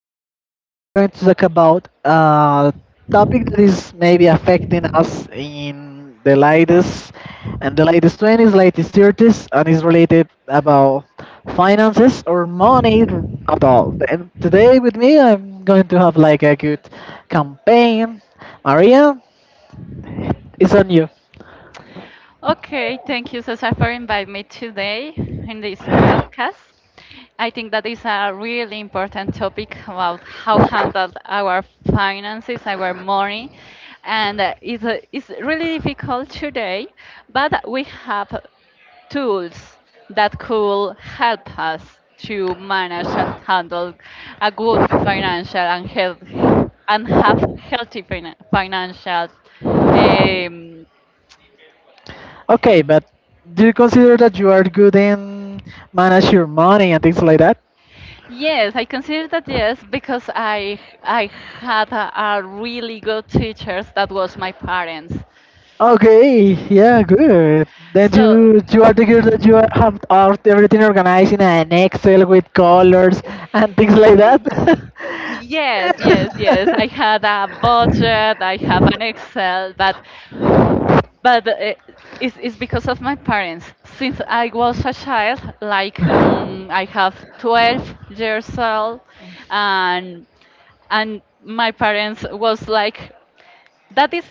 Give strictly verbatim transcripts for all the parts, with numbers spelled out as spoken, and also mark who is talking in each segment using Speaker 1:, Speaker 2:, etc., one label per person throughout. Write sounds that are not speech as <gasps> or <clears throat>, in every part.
Speaker 1: Today we're going to talk about a topic that is maybe affecting us in the latest and the latest twenties, latest thirties, and is related about finances or money at all. And today with me, I'm going to have like a good campaign. Maria, it's on you.
Speaker 2: Okay, thank you, Cesar, for inviting me today in this podcast. I think that is a really important topic about how handle our finances, our money, and uh, it's, uh, it's really difficult today, but we have tools that could help us to manage and handle a good financial and health and have healthy fina- financial um,
Speaker 1: Okay, but do you consider that you are good in manage your money and things like that?
Speaker 2: Yes, I consider that yes because I I had a, a really good teachers that was my parents.
Speaker 1: Okay, yeah, good. Then
Speaker 2: So
Speaker 1: you you are the girl that you have out everything organized in an Excel with colors and things like that.
Speaker 2: y- yes, yes, yes. I had a budget. I have an Excel, but but uh, it's, it's because of my parents.
Speaker 1: <laughs>
Speaker 2: Since I was a child, like mm, I have twelve years old, and and my parents was like that is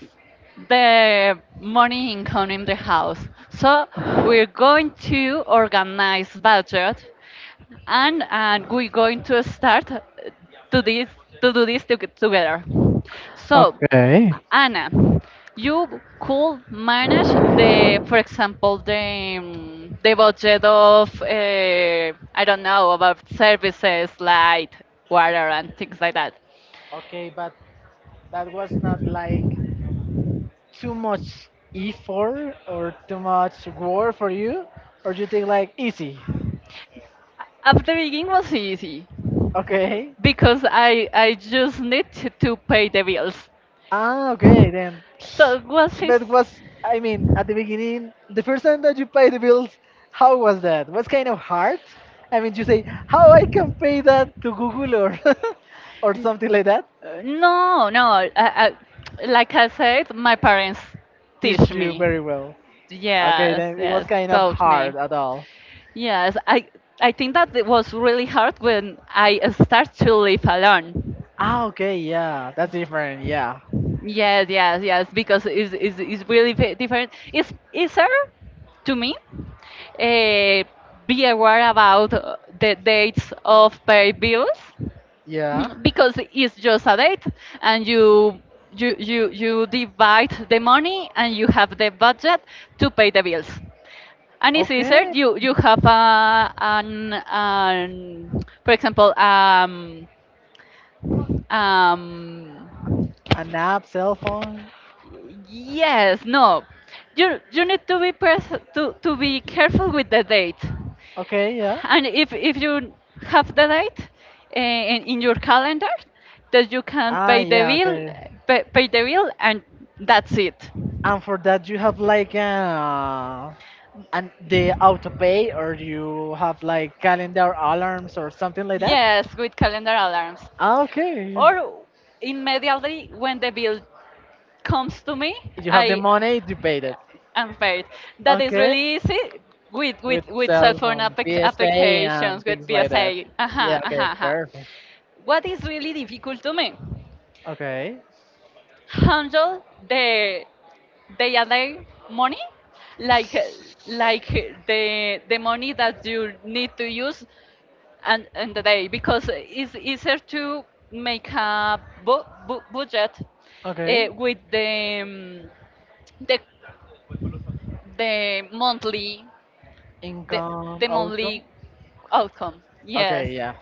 Speaker 2: the money income in the house. So we're going to organize budget, and and we're going to start to this to do this to- together. So,
Speaker 1: Okay.
Speaker 2: Anna, you could manage the, for example, the um, the budget of uh, I don't know about services like water and things like that.
Speaker 1: Okay, but that was not like too much effort or too much work for you, or you think like easy?
Speaker 2: At the beginning was easy w-
Speaker 1: Okay.
Speaker 2: because I I just need to, to pay the bills.
Speaker 1: Ah, okay then.
Speaker 2: So was his
Speaker 1: But was I mean at the beginning, the first time that you pay the bills, how was that? Was kind of hard? I mean, you say how I can pay that to Google, or <laughs> or
Speaker 2: N-
Speaker 1: something like that.
Speaker 2: uh, no, no. I, I, like I said, my parents
Speaker 1: Teach
Speaker 2: teach
Speaker 1: you
Speaker 2: me.
Speaker 1: very well. Okay,
Speaker 2: Yes,
Speaker 1: then it was
Speaker 2: yes,
Speaker 1: kind of
Speaker 2: taught
Speaker 1: hard
Speaker 2: me.
Speaker 1: at all.
Speaker 2: Yes, I I think that it was really hard when I start to live alone.
Speaker 1: Ah, okay, yeah, that's different. Yeah,
Speaker 2: Yes, yes, yes, because it's, it's, it's really ve- different. It's easier to me uh, be aware about uh, the dates of pay bills
Speaker 1: yeah.
Speaker 2: <clears throat> because it's just a date and you you you you divide the money and you have the budget to pay the bills. And it's easier.
Speaker 1: Okay,
Speaker 2: You you have a an, an for example um um
Speaker 1: an app, cell phone.
Speaker 2: yes no you you need to be pres- to to be careful with the date,
Speaker 1: Okay, yeah.
Speaker 2: and if if you have the date uh, in, in your calendar that you can
Speaker 1: Ah,
Speaker 2: pay the
Speaker 1: yeah,
Speaker 2: bill
Speaker 1: okay.
Speaker 2: pay, pay the bill and that's it.
Speaker 1: And for that, you have like uh, and the auto pay, or you have like calendar alarms or something like that.
Speaker 2: Yes, with calendar alarms,
Speaker 1: Ah, okay.
Speaker 2: or immediately when the bill comes to me,
Speaker 1: You have the
Speaker 2: I
Speaker 1: money, you paid it.
Speaker 2: am paid. That is
Speaker 1: Okay.
Speaker 2: really easy with with
Speaker 1: With
Speaker 2: with cell
Speaker 1: cell
Speaker 2: phone
Speaker 1: phone,
Speaker 2: applic-
Speaker 1: P S A, and
Speaker 2: applications with
Speaker 1: things like that.
Speaker 2: P S A.
Speaker 1: Yeah.
Speaker 2: Uh-huh, uh-huh,
Speaker 1: Okay.
Speaker 2: uh-huh.
Speaker 1: Perfect.
Speaker 2: What is really difficult to me?
Speaker 1: Okay.
Speaker 2: Handle the day and day money, like like the the money that you need to use and and the day because it's easier to make a bu- bu- budget
Speaker 1: Okay.
Speaker 2: uh, with the um, the the monthly the,
Speaker 1: Income,
Speaker 2: the
Speaker 1: outcome.
Speaker 2: monthly outcome, yes,
Speaker 1: Okay. Yeah.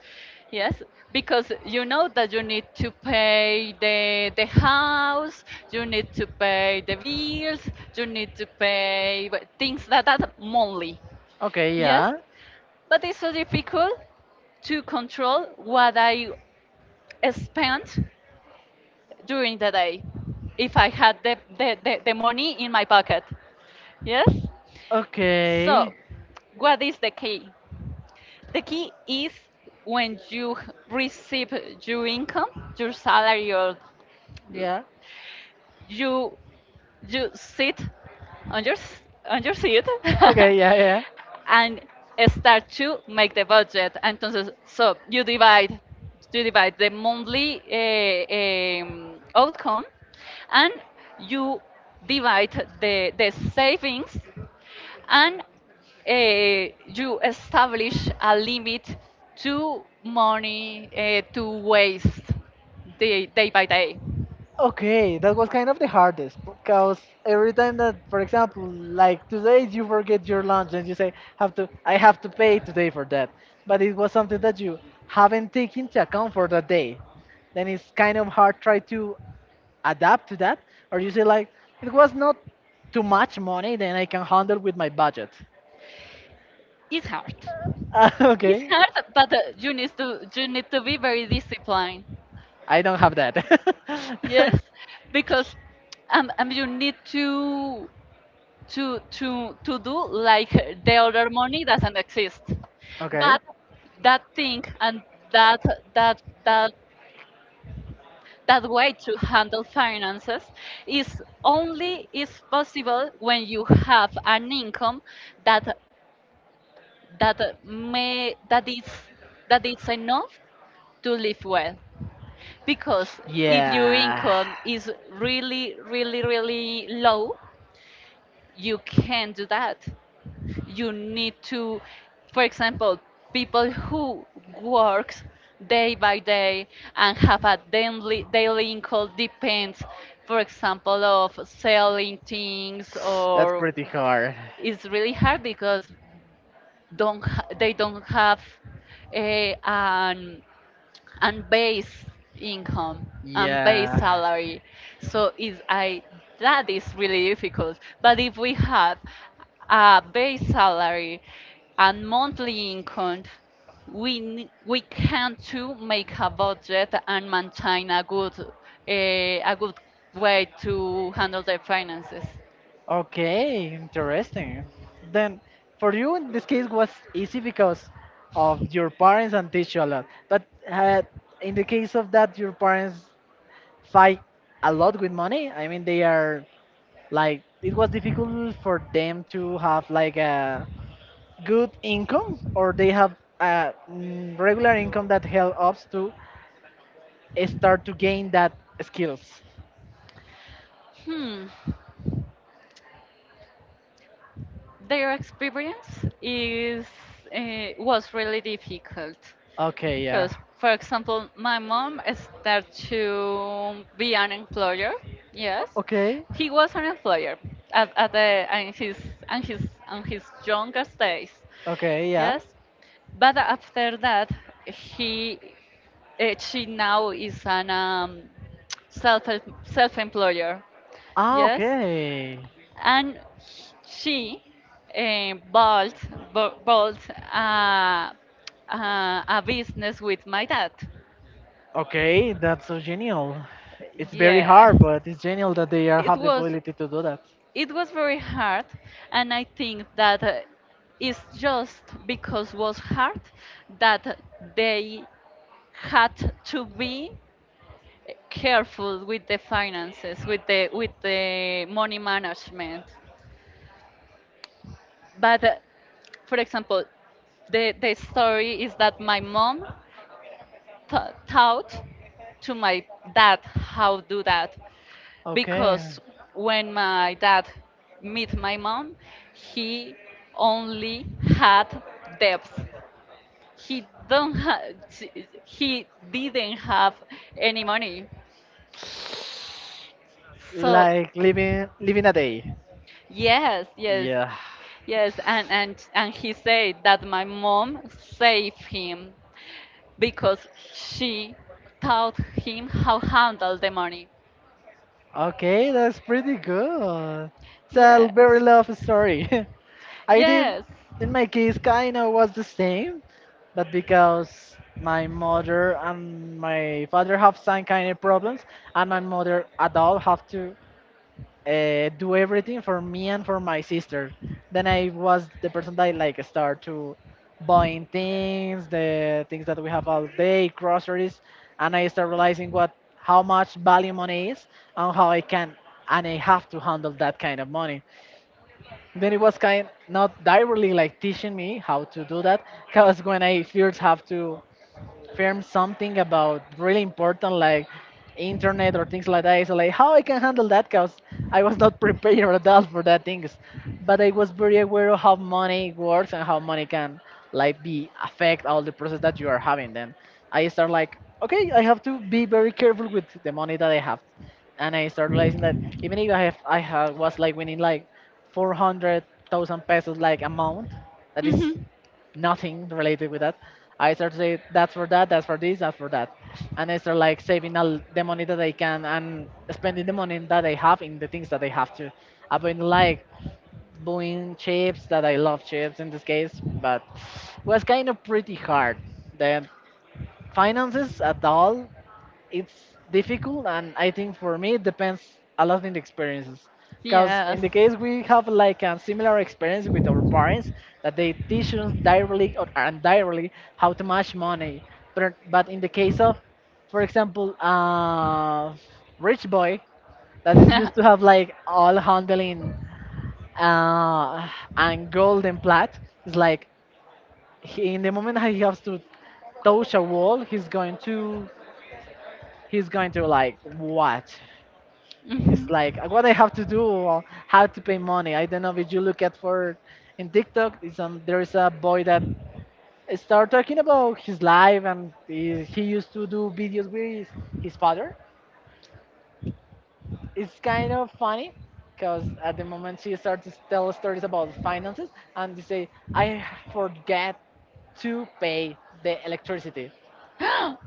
Speaker 2: yes, because you know that you need to pay the the house, you need to pay the bills, you need to pay wh- things like that are monthly,
Speaker 1: Okay.
Speaker 2: yes,
Speaker 1: Yeah.
Speaker 2: but it's so difficult to control what I spent during the day if I had the, the, the, the money in my pocket. Yes? So,
Speaker 1: Okay.
Speaker 2: what is the key? The key is when you receive your income, your salary, or
Speaker 1: Yeah.
Speaker 2: you, you sit on your, s- on your seat
Speaker 1: Okay, yeah, yeah.
Speaker 2: <laughs> and start to make the budget. Entonces, so you divide, you divide, the monthly eh, em, outcome, and you divide the, the savings, and eh, you establish a limit to money eh, to waste day, day by day.
Speaker 1: Okay, that was kind of the hardest because every time that, for example, like today you forget your lunch and you say, "Have to, I have to pay today for that," but it was something that you haven't taken into account for that day. Then it's kind of hard try to adapt to that, or you say like, "It was not too much money, then I can handle with my budget."
Speaker 2: It's hard.
Speaker 1: <laughs> Uh,
Speaker 2: It's
Speaker 1: okay.
Speaker 2: hard, but uh, you need to you need to be very disciplined.
Speaker 1: I don't have that.
Speaker 2: Yes, because um, um you need to to to to do like the other money doesn't exist,
Speaker 1: <laughs> Okay.
Speaker 2: but that thing and that that that that way to handle finances is only is possible when you have an income that that may that is that is enough to live well, because if your
Speaker 1: Yeah.
Speaker 2: income is really, really, really low,
Speaker 1: You You
Speaker 2: you
Speaker 1: can't
Speaker 2: can't do
Speaker 1: do that.
Speaker 2: that.
Speaker 1: You
Speaker 2: You need
Speaker 1: need to,
Speaker 2: to
Speaker 1: for
Speaker 2: For
Speaker 1: for example,
Speaker 2: example,
Speaker 1: example, people
Speaker 2: people
Speaker 1: who
Speaker 2: who
Speaker 1: work
Speaker 2: works
Speaker 1: day day
Speaker 2: day
Speaker 1: by
Speaker 2: by
Speaker 1: day
Speaker 2: day
Speaker 1: and
Speaker 2: and have
Speaker 1: have a
Speaker 2: a daily
Speaker 1: dam- daily,
Speaker 2: daily income
Speaker 1: condition,
Speaker 2: depends, for
Speaker 1: for
Speaker 2: example,
Speaker 1: example, of
Speaker 2: of
Speaker 1: self.
Speaker 2: selling things
Speaker 1: That's or
Speaker 2: or
Speaker 1: pretty hard.
Speaker 2: it's really hard because don't ha- they don't have uh, an and base income and base
Speaker 1: Yeah.
Speaker 2: salary. So is I that is really difficult. But if we have a base salary and monthly income, we ne- we can to make a budget and maintain a good eh, a good way to handle their finances.
Speaker 1: Okay, interesting. Then, for you, in this case, was easy because of your parents and teach you a lot. But uh, in the case of that, your parents fight a lot with money. I mean, they are like it was difficult for them to have like a good income, or they have a mm, regular income that helps us to start to gain that skills.
Speaker 2: Hmm, their experience is uh, was really difficult.
Speaker 1: Okay, yeah.
Speaker 2: Because, for example, my mom started to be an employer. Yes,
Speaker 1: O- Okay,
Speaker 2: he was an employer at, at the and his and his and his younger days.
Speaker 1: okay, yeah.
Speaker 2: Yes, but after that, he eh, she now is an um, self self employer.
Speaker 1: Ah,
Speaker 2: Yes,
Speaker 1: okay,
Speaker 2: and she uh, bought, bu- bought uh, uh, a business with my dad.
Speaker 1: okay. That's so genial. It's very
Speaker 2: Yeah,
Speaker 1: hard, but it's genial that they are
Speaker 2: it
Speaker 1: have the
Speaker 2: was
Speaker 1: ability to do that.
Speaker 2: it was very hard, and I think that uh, it's just because was hard that they had to be careful with the finances, with the with the money management. But uh, for example, the, the story is that my mom ta taught to my dad how do that
Speaker 1: Because okay.
Speaker 2: because
Speaker 1: When
Speaker 2: when
Speaker 1: my my
Speaker 2: my dad
Speaker 1: dad meet
Speaker 2: met my
Speaker 1: my mom,
Speaker 2: mom,
Speaker 1: he
Speaker 2: He
Speaker 1: only
Speaker 2: only had
Speaker 1: had
Speaker 2: debts.
Speaker 1: them.
Speaker 2: He don't ha he didn't have any money. So
Speaker 1: Like living living a day. Yes,
Speaker 2: yes,
Speaker 1: yes.
Speaker 2: yes.
Speaker 1: Yeah.
Speaker 2: Yes, and and, and he said that my mom saved him because she taught him how handle the money.
Speaker 1: Okay, that's pretty good. It's a very
Speaker 2: Yes.
Speaker 1: love story. <laughs> I think
Speaker 2: Yes.
Speaker 1: in my case kinda was the same, but because my mother and my father have some kind of problems, and my mother adult have to uh, do everything for me and for my sister. Then I was the person that like start to buying things, the things that we have all day, groceries, and I start realizing what how much value money is, and how I can, and I have to handle that kind of money. Then it was kind not directly like teaching me how to do that, because when I first have to firm something about really important like internet or things like that. So like how I can handle that, because I was not <laughs> prepared at all for that things. But I was very aware of how money works and how money can like be affect all the process that you are having. Then I start like okay, I have to be very careful with the money that I have, and I start realizing that even if I have I have, was like winning like four hundred thousand pesos like amount that is
Speaker 2: Mhm.
Speaker 1: nothing related with that. I start to say that's for that, that's for this, that's for that, and I start like saving all the money that I can and spending the money that I have in the things that I have to. I've been like buying chips, that I love chips in this case, but was kind of pretty hard. The finances at all, it's difficult, and I think for me it depends a lot in the experiences, because in the case we have like a similar experience with our parents, that they teach us directly or indirectly how to manage money, but, but in the case of, for example, uh, rich boy that is used to have like
Speaker 2: <laughs>
Speaker 1: all handling uh, and gold and plat, it's like he, in the moment he has to touch a wall, he's going to, he's going to like what. It's like uh, what I have to do or how to pay money. I don't know if you look at for in TikTok. It's, um, there is a boy that start talking about his life, and he, he used to do videos with his father. It's kind of funny because at the moment she starts to tell stories about finances, and they say I forget to pay the electricity,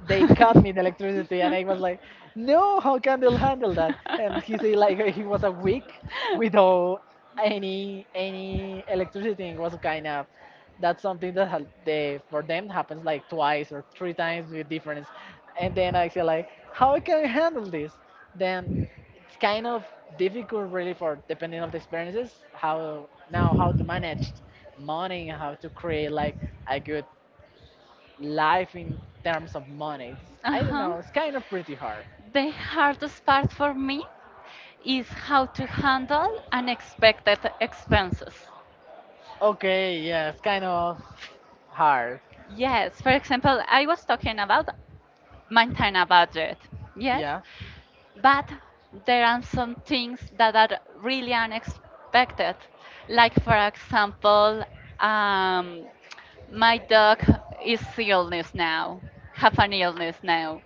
Speaker 1: they cut me the electricity, and I was like, no, how can they handle that? And he said like uh, he was a week without any any electricity. It was kind of, that's something that ha- they, for them, happens like twice or three times with difference. And then I feel like, how I can handle this? Then it's kind of difficult, really, for depending on the experiences, how now how to manage money, how to create like a good life in terms of money. I don't
Speaker 2: Uh-huh.
Speaker 1: know, it's kind of pretty hard.
Speaker 2: The hardest part for me is how to handle unexpected expenses.
Speaker 1: Okay, yeah, it's kind of hard.
Speaker 2: Yes, for example, I was talking about maintain a budget. Yes,
Speaker 1: Yeah.
Speaker 2: but there are some things that are really unexpected. Like, for example, um, my dog is illness now, have an illness now.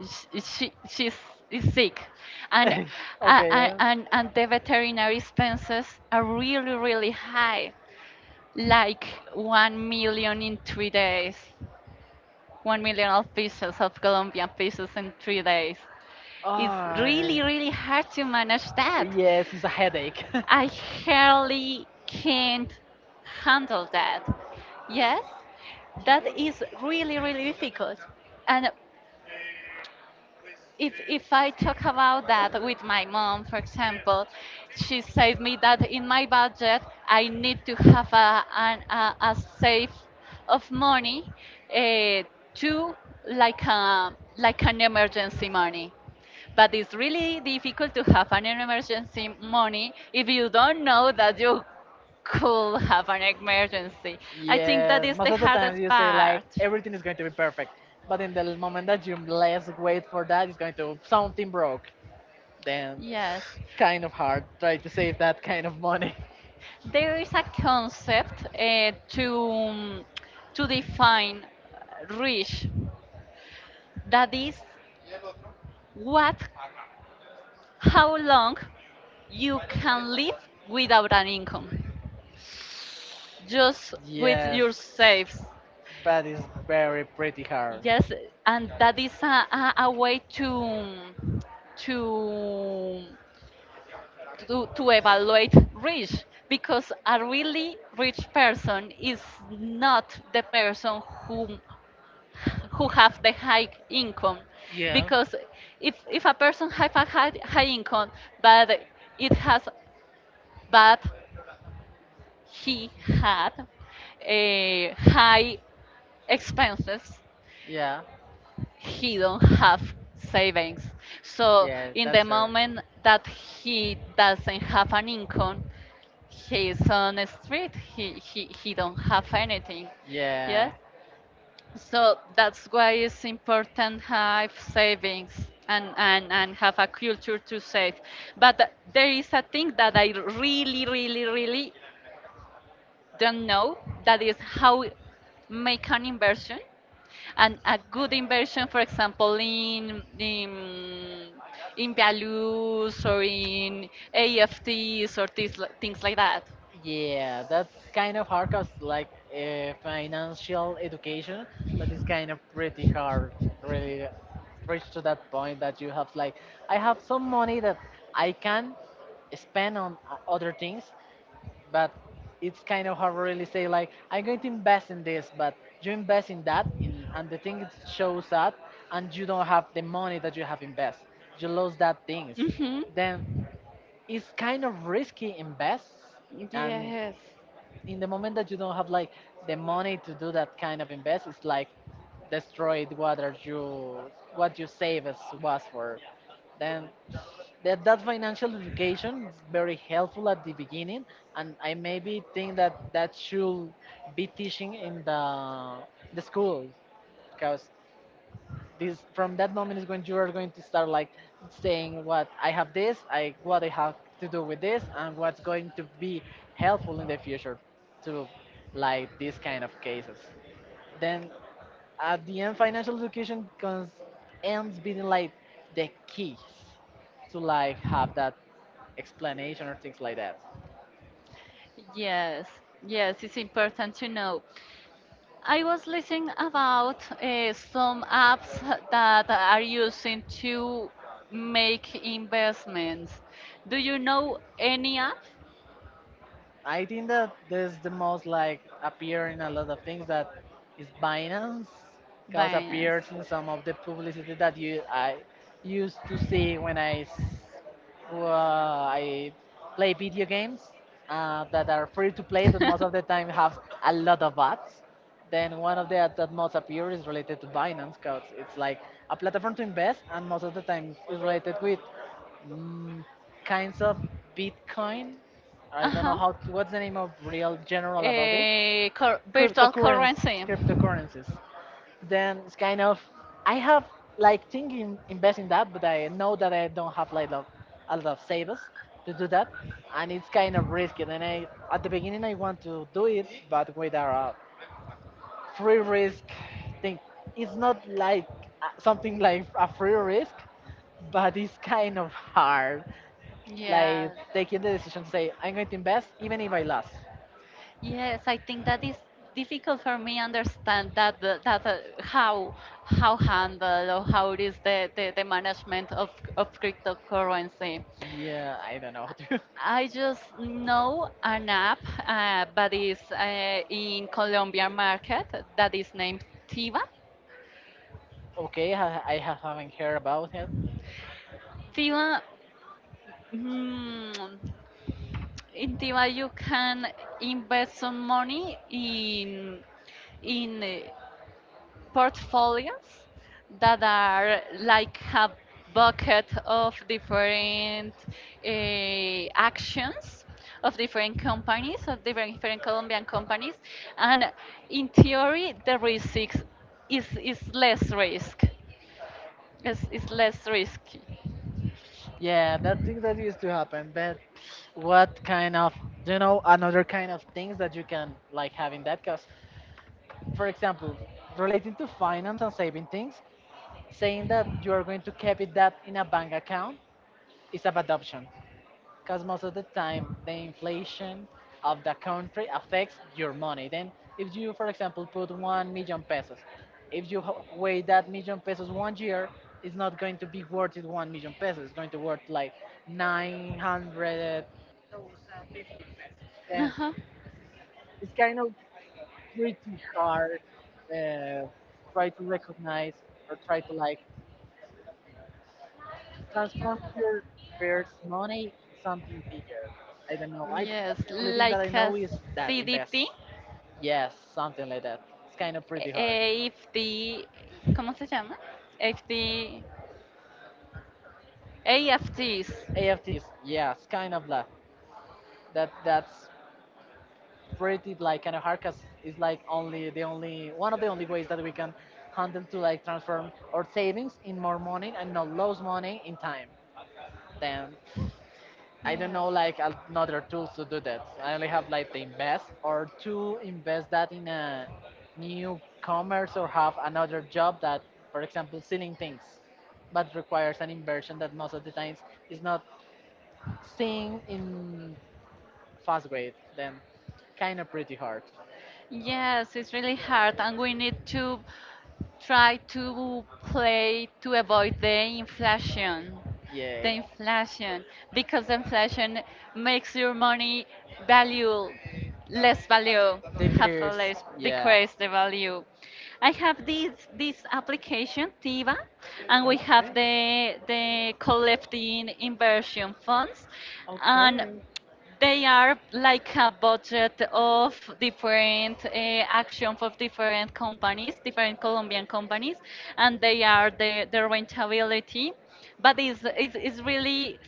Speaker 2: She, she, she's is sick. And,
Speaker 1: <laughs>
Speaker 2: uh,
Speaker 1: Okay,
Speaker 2: uh,
Speaker 1: yeah.
Speaker 2: and, and the veterinary expenses are really, really high, like one million in three days, one million of pesos, of Colombian pesos in three days. It's
Speaker 1: Oh,
Speaker 2: really, really hard to manage that.
Speaker 1: yes, it's a headache. <laughs>
Speaker 2: I hardly can't handle that. Yes, that is really, really difficult. And if if I talk about that with my mom, for example, she said me that in my budget I need to have a an, a, a safe of money uh, to like a like an emergency money. But it's really difficult to have an emergency money if you don't know that you could have an emergency. I think that
Speaker 1: Yeah,
Speaker 2: is
Speaker 1: most
Speaker 2: the
Speaker 1: of the time
Speaker 2: hardest
Speaker 1: you say like
Speaker 2: part.
Speaker 1: everything is going to be perfect, but in the moment that you less wait for that, it's going to something broke. Then,
Speaker 2: Yes.
Speaker 1: kind of hard. Try to save that kind of money.
Speaker 2: There is a concept uh, to um, to define rich that is what how long you can live without an income, just
Speaker 1: <laughs>
Speaker 2: with
Speaker 1: Yes,
Speaker 2: your saves,
Speaker 1: but it's very pretty hard.
Speaker 2: yes, and that is a, a, a way to to to, to evaluate rich, because a really rich person is not the person who who have the high income, because if if a person have a high, high income, but it has but he had a high expenses,
Speaker 1: Yeah,
Speaker 2: he don't have savings, so
Speaker 1: yeah,
Speaker 2: in the
Speaker 1: that's her.
Speaker 2: moment that he doesn't have an income, he's on the street, he he, he don't have anything,
Speaker 1: Yeah,
Speaker 2: yes. So that's why it's important have savings, and, and, and have a culture to save. But there is a thing that I really, really, really don't know, that is how make an inversion. And a good inversion, for example, in, in, in values or in A F Ts or things, li- things like that.
Speaker 1: yeah, that's kind of hard because, like, uh, financial education, that is kind of pretty hard, really reach to that point that you have, like, I have some money that I can spend on uh, other things, but it's kind of hard to really say, like, I'm going to invest in this, but you invest in that, in, and the thing it shows up, and you don't have the money that you have invest. You lose that things.
Speaker 2: hmm
Speaker 1: Then it's kind of risky invest,
Speaker 2: And
Speaker 1: and
Speaker 2: yes,
Speaker 1: in the moment that you don't have like the money to do that kind of invest, it's like destroyed what are you what you save as was for. Then that, that financial education is very helpful at the beginning, and I maybe think that that should be teaching in the the school because this from that moment is when you are going to start like saying what I have this, I what I have to do with this, and what's going to be helpful in the future to like these kind of cases. Then at the end, financial education comes ends being like the keys to like have that explanation or things like that.
Speaker 2: yes, yes, it's important to know. I was listening about uh, some apps that are using to make investments. Do you know any app?
Speaker 1: I think that this the most like appear in a lot of things that is Binance, because
Speaker 2: Very.
Speaker 1: appears in some of the publicity that you I used to see when I s- uh, I play video games uh, that are free to play, but most of the time have a lot of ads. Then one of the ads that most appear is related to Binance, because it's like a platform to invest, and most of the time is related with
Speaker 2: <laughs>
Speaker 1: mm, kinds of Bitcoin. I
Speaker 2: Uh
Speaker 1: don't know
Speaker 2: huh.
Speaker 1: how to, what's the name of real general about it?
Speaker 2: Uh, cur- virtual
Speaker 1: Cryptocurrencies.
Speaker 2: currency.
Speaker 1: Cryptocurrencies. Then it's kind of, I have like thinking invest in that, but I know that I don't have like lo- a lot of savers to do that, and it's kind of risky. Then I, at the beginning I want to do it, but with a free risk thing, it's not like uh, something like a free risk, but it's kind of hard. Like
Speaker 2: Yeah.
Speaker 1: taking the decision to say I'm going to invest even if I lost.
Speaker 2: Yes, I think that is difficult for me understand that the- that uh, how how handle or how it is the, the, the management of, of cryptocurrency.
Speaker 1: Yeah, I don't know. <laughs>
Speaker 2: I just know an app uh, that is uh, in Colombian market that is named Tiva.
Speaker 1: Okay, I, I have- haven't heard about it.
Speaker 2: Tiva, mm, in Tiva you can invest some money in in portfolios that are like a bucket of different uh, actions of different companies, of different, different Colombian companies. And in theory, the risk is, is, is less risk. It's, it's less risky.
Speaker 1: Yeah, that thing that used to happen. But what kind of, you know, another kind of things that you can like have in that. Because, for example, relating to finance and saving things, saying that you are going to keep it that in a bank account is a bad option, because most of the time the inflation of the country affects your money. Then, if you, for example, put one million pesos, if you ho- weigh that million pesos one year, it's not going to be worth it one million pesos. It's going to worth like nine hundred. Then
Speaker 2: huh
Speaker 1: it's kind of pretty hard uh, try to recognize or try to
Speaker 2: like,
Speaker 1: like transform your first money into something bigger. I don't know. I
Speaker 2: yes,
Speaker 1: The only thing that
Speaker 2: like
Speaker 1: I
Speaker 2: a that
Speaker 1: know is
Speaker 2: that's
Speaker 1: that
Speaker 2: CDT,
Speaker 1: invest. Yes, something like that. It's kind of pretty hard.
Speaker 2: A F T, ¿cómo se llama? A F T, A F Ts.
Speaker 1: A F Ts,
Speaker 2: A F Ts. Yeah,
Speaker 1: yeah, it's kind of that. That that's pretty like kind of hard because it's like only the only one of the only ways that we can handle to like transform our savings in more money and not lose money in time. Then I don't know like another tools to do that. I only have like the invest or to invest that in a new commerce or have another job that, for example, selling things, but requires an inversion that most of the times is not seen in fast way. Then kind of pretty hard.
Speaker 2: yes, it's really hard, and we need to try to play to avoid the inflation the
Speaker 1: Yeah.
Speaker 2: inflation, because inflation makes your money value, less value, have a
Speaker 1: Decrease.
Speaker 2: less
Speaker 1: Yeah.
Speaker 2: decrease the value. I have this this application Tiva, and
Speaker 1: And
Speaker 2: we
Speaker 1: we have
Speaker 2: have
Speaker 1: okay.
Speaker 2: the the collecting inversion funds, and
Speaker 1: um,
Speaker 2: they are like a budget of different uh, action for different companies, different Colombian companies, and they are the, the rentability, but it's, it's, it's really,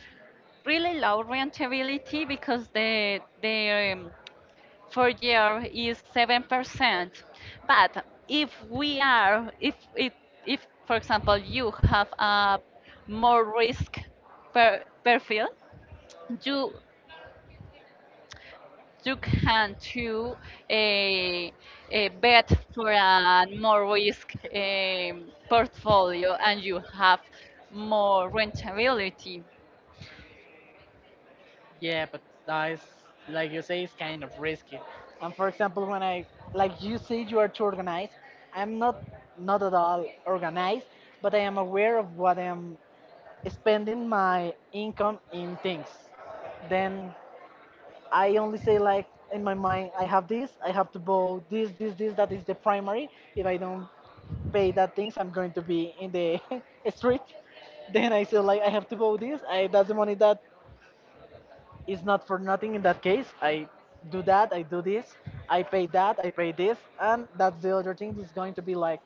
Speaker 2: really low rentability because the the um, four year is seven percent. But if we are if if if, for example, you have a more risk per, per field, you you can to eh, eh, bet for a more risk um, portfolio, and you have more rentability.
Speaker 1: Yeah, but that is, like you say, it's kind of risky. And for example, when I, like you say, you are too organized. I'm not, not at all organized, but I am aware of what I am spending my income in things. Then I only say like in my mind, I have this, I have to buy this, this, this. That is the primary. If I don't pay that things, I'm going to be in the <laughs> street. Then I say like I have to buy this. I That's the money that it's not for nothing in that case. I do that, I do this, I pay that, I pay this, and that's the other thing that's going to be like,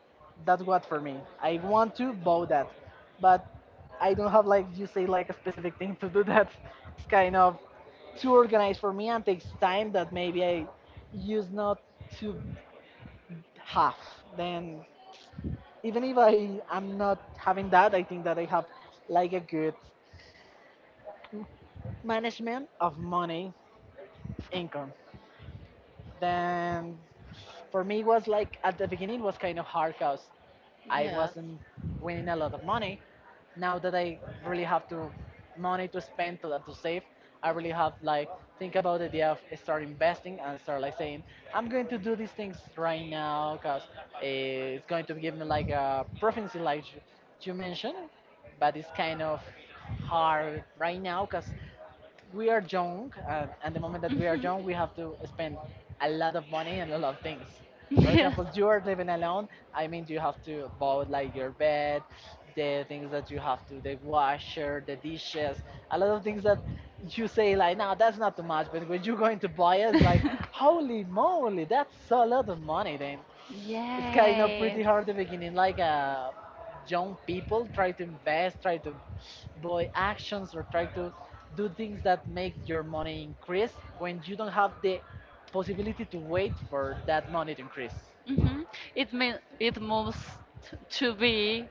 Speaker 1: that's what for me. I want to bow that, but I don't have like you say like a specific thing to do <laughs> that. It's kind of too organized for me and takes time that maybe I use not to have. Then even if I am not having that, I think that I have like a good management of money income. Then for me was like at the beginning was kind of hard because I
Speaker 2: Yes.
Speaker 1: wasn't winning a lot of money. Now that I really have to money to spend to, to save, I really have like think about the idea of start investing and start like saying I'm going to do these things right now because it's going to give me like a proficiency like you, you mentioned, but it's kind of hard right now because we are young, and, and the moment that we are young, we have to spend a lot of money and a lot of things. For
Speaker 2: Mhm.
Speaker 1: example, you are living
Speaker 2: <laughs>
Speaker 1: alone. I mean, you have to buy like your bed, the things that you have to, the washer, the dishes, a lot of things that you say like, no, that's not too much. But when you're going to buy it, it's like, holy moly, that's a lot of money. Then it's kind of pretty hard at the beginning. Like uh,
Speaker 2: <laughs>
Speaker 1: young people try to invest, try to buy actions, or try to do things that make your money increase when you don't have the possibility to wait for that money to increase.
Speaker 2: Hmm. It means it moves t- to be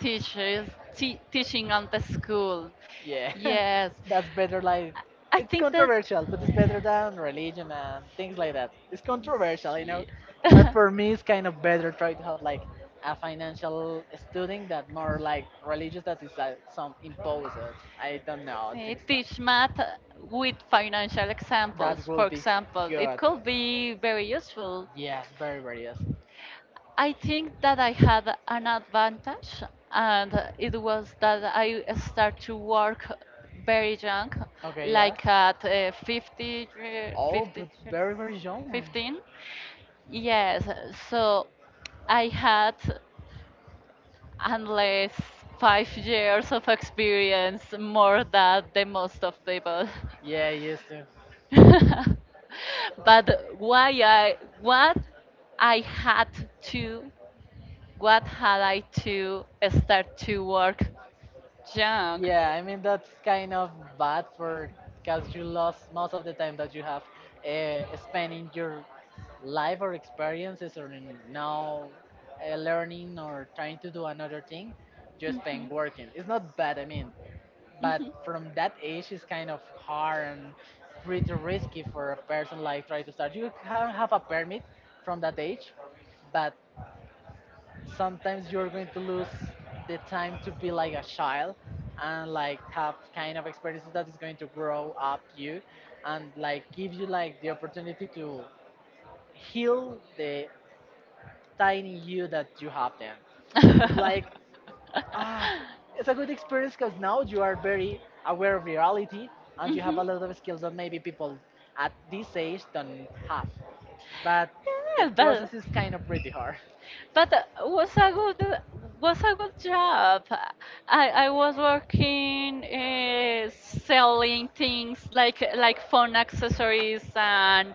Speaker 2: teachers te- teaching at the school.
Speaker 1: Yeah,
Speaker 2: Yes,
Speaker 1: <laughs> that's better. Like,
Speaker 2: I I
Speaker 1: it's
Speaker 2: think that.
Speaker 1: controversial, but it's better than religion and things like that. It's controversial, you know,
Speaker 2: Ye-
Speaker 1: but
Speaker 2: <laughs>
Speaker 1: for me, it's kind of better try to have like a financial student that more like religious that is like some imposed. I don't know
Speaker 2: They
Speaker 1: things like
Speaker 2: teach math with financial
Speaker 1: that
Speaker 2: examples. For
Speaker 1: will be
Speaker 2: example, it
Speaker 1: good.
Speaker 2: could be very useful.
Speaker 1: Yes, very very yes.
Speaker 2: I think that I had an advantage, and it was that I started to work very young,
Speaker 1: Okay, yeah.
Speaker 2: like at uh, fifty, year-
Speaker 1: Oh,
Speaker 2: fifty,
Speaker 1: but
Speaker 2: year-
Speaker 1: very very young.
Speaker 2: fifteen. Yes, so I had unless five years of experience more than the most of people.
Speaker 1: Yeah, yes.
Speaker 2: <laughs> But why I what I had to what had I to start to work young?
Speaker 1: Yeah, I mean that's kind of bad for because you lost most of the time that you have uh, spent in your life or experiences or in now uh, learning or trying to do another thing. You
Speaker 2: Mhm.
Speaker 1: spend working. It's not bad, I mean, but
Speaker 2: Mhm.
Speaker 1: from that age, it's kind of hard and pretty risky for a person like try to start. You can have a permit from that age, but sometimes you're going to lose the time to be like a child and like have kind of experiences that is going to grow up you and like give you like the opportunity to heal the tiny you that you have then it's
Speaker 2: <laughs>
Speaker 1: like ah it's a good experience because now you are very aware of reality and you have
Speaker 2: Mhm.
Speaker 1: a lot of skills that maybe people at this age don't have but the
Speaker 2: Yeah, but
Speaker 1: process is kind of pretty hard.
Speaker 2: but uh, was a good was a good job. I I was working uh, selling things like like phone accessories and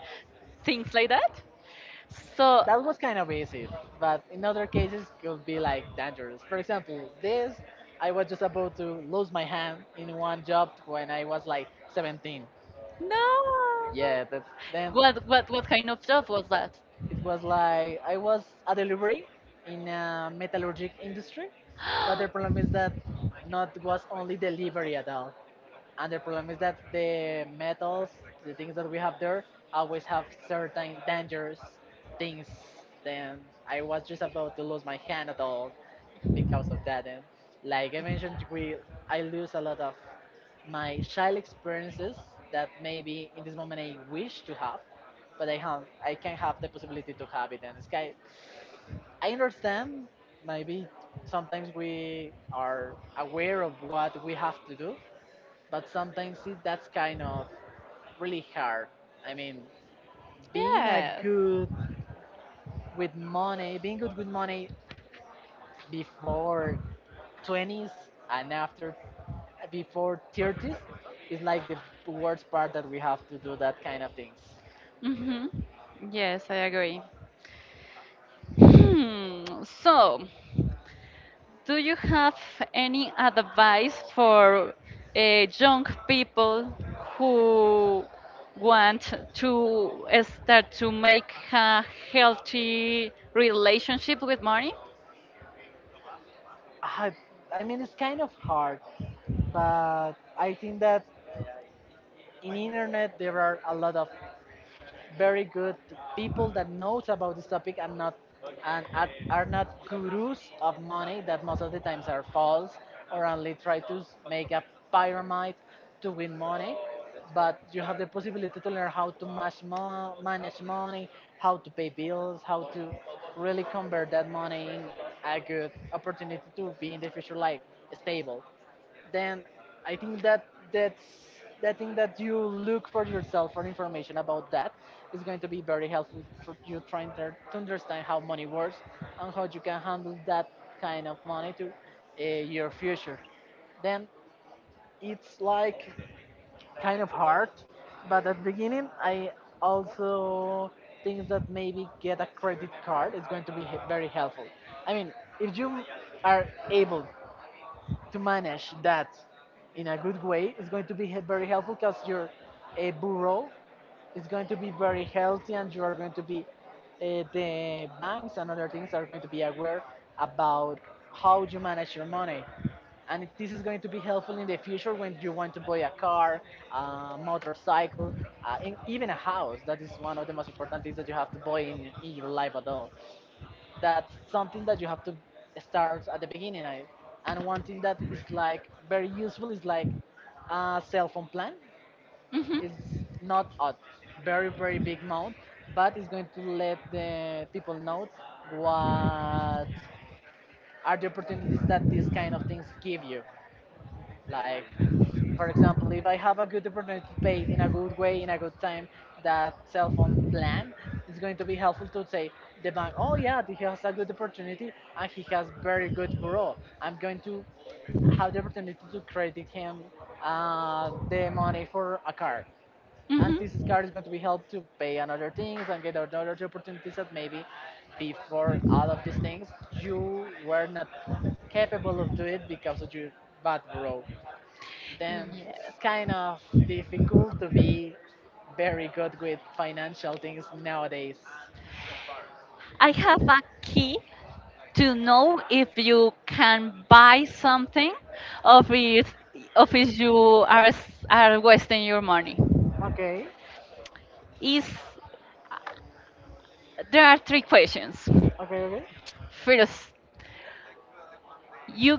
Speaker 2: things like that. So,
Speaker 1: That was kind of easy, but in other cases could be like dangerous. For example, this I was just about to lose my hand in one job when I was like seventeen.
Speaker 2: no.
Speaker 1: Yeah, that then
Speaker 2: What what what kind of job was that?
Speaker 1: it was like I was a delivery in a metallurgic industry, but the problem is that
Speaker 2: <gasps>
Speaker 1: not was only delivery at all and the problem is that the metals, the things that we have there, always have certain dangerous things. Then I was just about to lose my hand at all because of that. And like I mentioned, we I lose a lot of my child experiences that maybe in this moment I wish to have, but I have I can have the possibility to have it. And it's kind I understand maybe sometimes we are aware of what we have to do, but sometimes it, that's kind of really hard. I mean, being a
Speaker 2: Yes.
Speaker 1: good with money, being good with money before twenties and after before thirties is like the worst part that we have to do that kind of things.
Speaker 2: Mhm. Yes, I agree. Hmm. So. Do you have any advice for uh, young people who want to start to make a healthy relationship with money?
Speaker 1: I, I mean, it's kind of hard, but I think that in internet there are a lot of very good people that knows about this topic and not and are are not gurus of money that most of the times are false or only try to s- make a pyramid to win money but you have the possibility to learn how to mash mo- manage money, how to pay bills, how to really convert that money in a good opportunity to be in the future like stable. Then I think that that's that thing that you look for yourself for information about that is going to be very helpful for you trying to to understand how money works and how you can handle that kind of money to uh, your future. Then it's like kind of hard, but at the beginning I also think that maybe get a credit card is going to be he- very helpful. I mean, if you are able to manage that in a good way is going to be he- very helpful because your uh, bureau is going to be very healthy and you are going to be uh, the banks and other things are going to be aware about how you manage your money and it- this is going to be helpful in the future when you want to buy a car, a motorcycle, uh, in, even a house that is one of the most important things that you have to buy in, in your life at all. That's something that you have to start at the beginning. I, and one thing that is like very useful is like a cell phone plan.
Speaker 2: hmm
Speaker 1: It's not a very very big amount, but it's going to let the people know what are the opportunities that these kind of things give you. Like, for example, if I have a good opportunity to pay in a good way, in a good time, that cell phone plan, it's going to be helpful to say the bank, oh yeah, he has a good opportunity and he has very good bureau. I'm going to have the opportunity to credit him uh, the money for a car. And this
Speaker 2: hmm
Speaker 1: card is going to be helped to pay on other things and get other opportunities that maybe before all of these things you were not capable of doing because of your bad bureau. Then
Speaker 2: Yes.
Speaker 1: it's kind of difficult to be very good with financial things nowadays.
Speaker 2: I have a key to know if you can buy something of it, of if you are, s- are wasting your money.
Speaker 1: Okay,
Speaker 2: Is there are three questions.
Speaker 1: okay, okay,
Speaker 2: First, you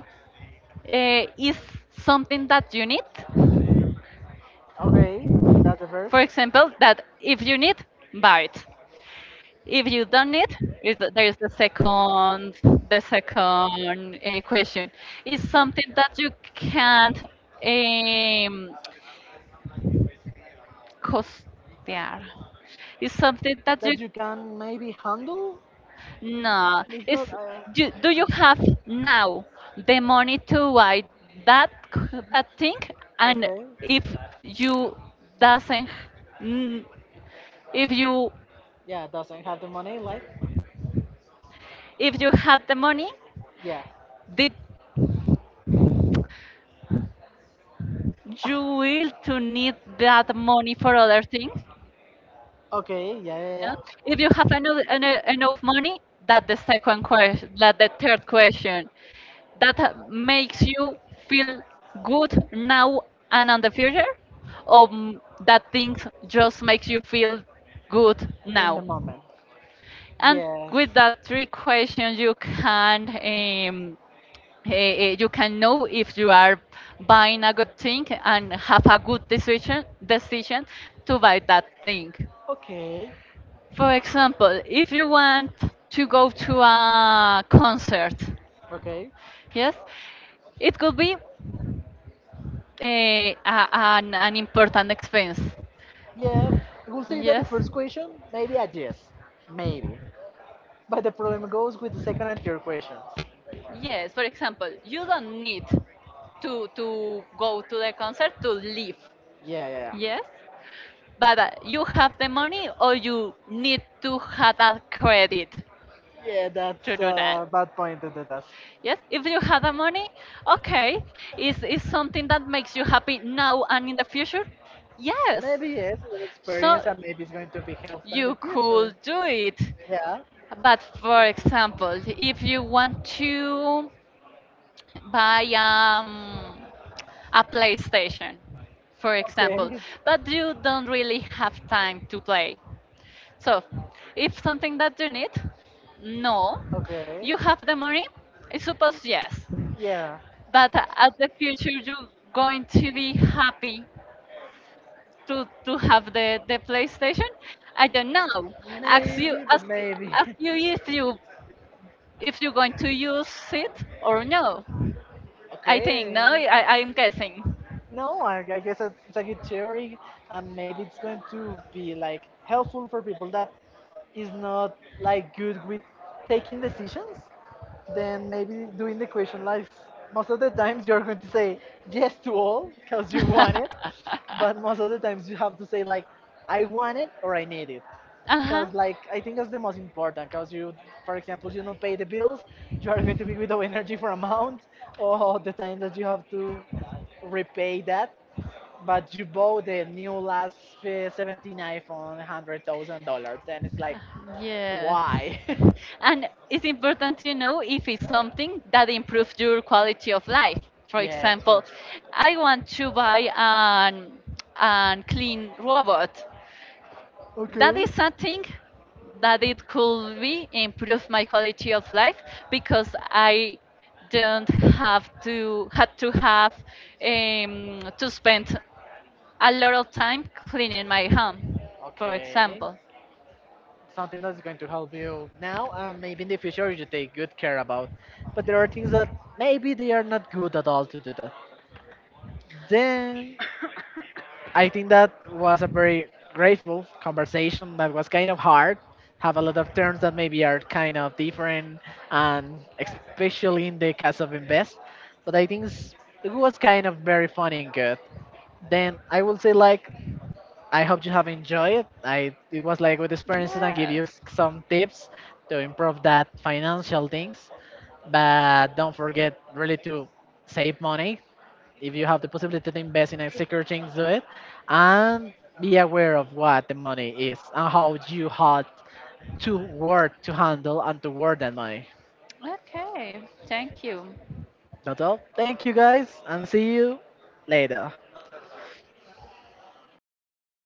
Speaker 2: uh, is something that you need.
Speaker 1: okay. That's the first
Speaker 2: For example, that if you need, buy it. If you don't need, is there is the second the second uh, question. Is something that you can't um, costear. Is something that you
Speaker 1: that you can maybe handle.
Speaker 2: no.
Speaker 1: It's not.
Speaker 2: Is
Speaker 1: Uh,
Speaker 2: do, do you have now the money to buy that c- that thing? And
Speaker 1: okay.
Speaker 2: if you doesn't if you
Speaker 1: Yeah, doesn't have the money. Like,
Speaker 2: if you had the money,
Speaker 1: yeah.
Speaker 2: did you will to need that money for other things,
Speaker 1: <laughs> Okay. Yeah, yeah,
Speaker 2: yeah?
Speaker 1: yeah.
Speaker 2: If you have enough, enough money, that the second question that the third question, that uh, makes you feel good now and on the future, or m- that things just makes you feel good
Speaker 1: In the
Speaker 2: now.
Speaker 1: moment.
Speaker 2: And
Speaker 1: Yes.
Speaker 2: with that three questions you can um, Eh, eh, you can know if you are buying a good thing and have a good decision decision to buy that thing.
Speaker 1: Okay.
Speaker 2: For example, if you want to go to a concert,
Speaker 1: Okay.
Speaker 2: yes, it could be eh, a, an, an important expense.
Speaker 1: Yeah, we'll say that the
Speaker 2: Yes,
Speaker 1: first question, maybe a yes. Maybe. But the problem goes with the second and third questions.
Speaker 2: yes. For example, you don't need to to go to the concert to live.
Speaker 1: Yeah, yeah.
Speaker 2: Yes. But uh, you have the money or you need to have a credit
Speaker 1: Yeah, yeah,
Speaker 2: to
Speaker 1: that's
Speaker 2: do
Speaker 1: a
Speaker 2: that.
Speaker 1: bad point to do that.
Speaker 2: Yes, if you have the money, okay. Is is something that makes you happy now and in the future? Yes.
Speaker 1: Maybe yes, with
Speaker 2: So
Speaker 1: experience and maybe it's going to be helpful in
Speaker 2: you
Speaker 1: the future.
Speaker 2: could do it.
Speaker 1: Yeah.
Speaker 2: But for example, if you want to buy um, a PlayStation, for example,
Speaker 1: Okay. <laughs>
Speaker 2: but you don't really have time to play. So, if something that you need, no.
Speaker 1: Okay.
Speaker 2: You have the money, I suppose yes.
Speaker 1: Yeah.
Speaker 2: But at the future, you're going to be happy to, to have the, the PlayStation. I don't know. Ask you
Speaker 1: Maybe, but
Speaker 2: ask
Speaker 1: maybe.
Speaker 2: ask you if you if you're going to use it or no.
Speaker 1: <laughs>
Speaker 2: I think no.
Speaker 1: Okay.
Speaker 2: I I'm guessing.
Speaker 1: No, I, I guess it's, it's a good theory, and maybe it's going to be like helpful for people that is not like good with taking decisions. Then maybe doing the question like most of the times you're going to say yes to all because you want it,
Speaker 2: <laughs>
Speaker 1: but most of the times you have to say like I want it or I need it.
Speaker 2: Uh huh.
Speaker 1: Because like I think that's the most important. Because you, for example, you don't pay the bills, you are going to be without energy for a month, or the time that you have to repay that, but you bought the new last uh, seventeen iPhone, one hundred thousand dollars, and it's like,
Speaker 2: Yes.
Speaker 1: why? <laughs>
Speaker 2: <laughs> And it's important to know if it's something that improves your quality of life. For
Speaker 1: Yeah, true.
Speaker 2: example, I want to buy an, an clean robot. That
Speaker 1: Okay.
Speaker 2: is something that it could be improve my quality of life because I don't have to had to have um, to spend a lot of time cleaning my home, for
Speaker 1: Okay.
Speaker 2: example.
Speaker 1: Something that's going to help you now and maybe in the future you take good care about. But there are things that maybe they are not good at all to do that. Then I think that was a very grateful conversation that was kind of hard. Have a lot of terms that maybe are kind of different, and especially in the case of invest. But I think it's- it was kind of very funny and good. Then I will say like I hope you have enjoyed it. I It was like good experiences and give you
Speaker 2: Yes.
Speaker 1: s- some tips to improve that financial things. But don't forget really to save money. If you have the possibility to invest in a secure things, do it. And be aware of what the money is and how you had to work to handle and to work that money.
Speaker 2: Okay, thank you.
Speaker 1: That's all. Thank you guys and see you later.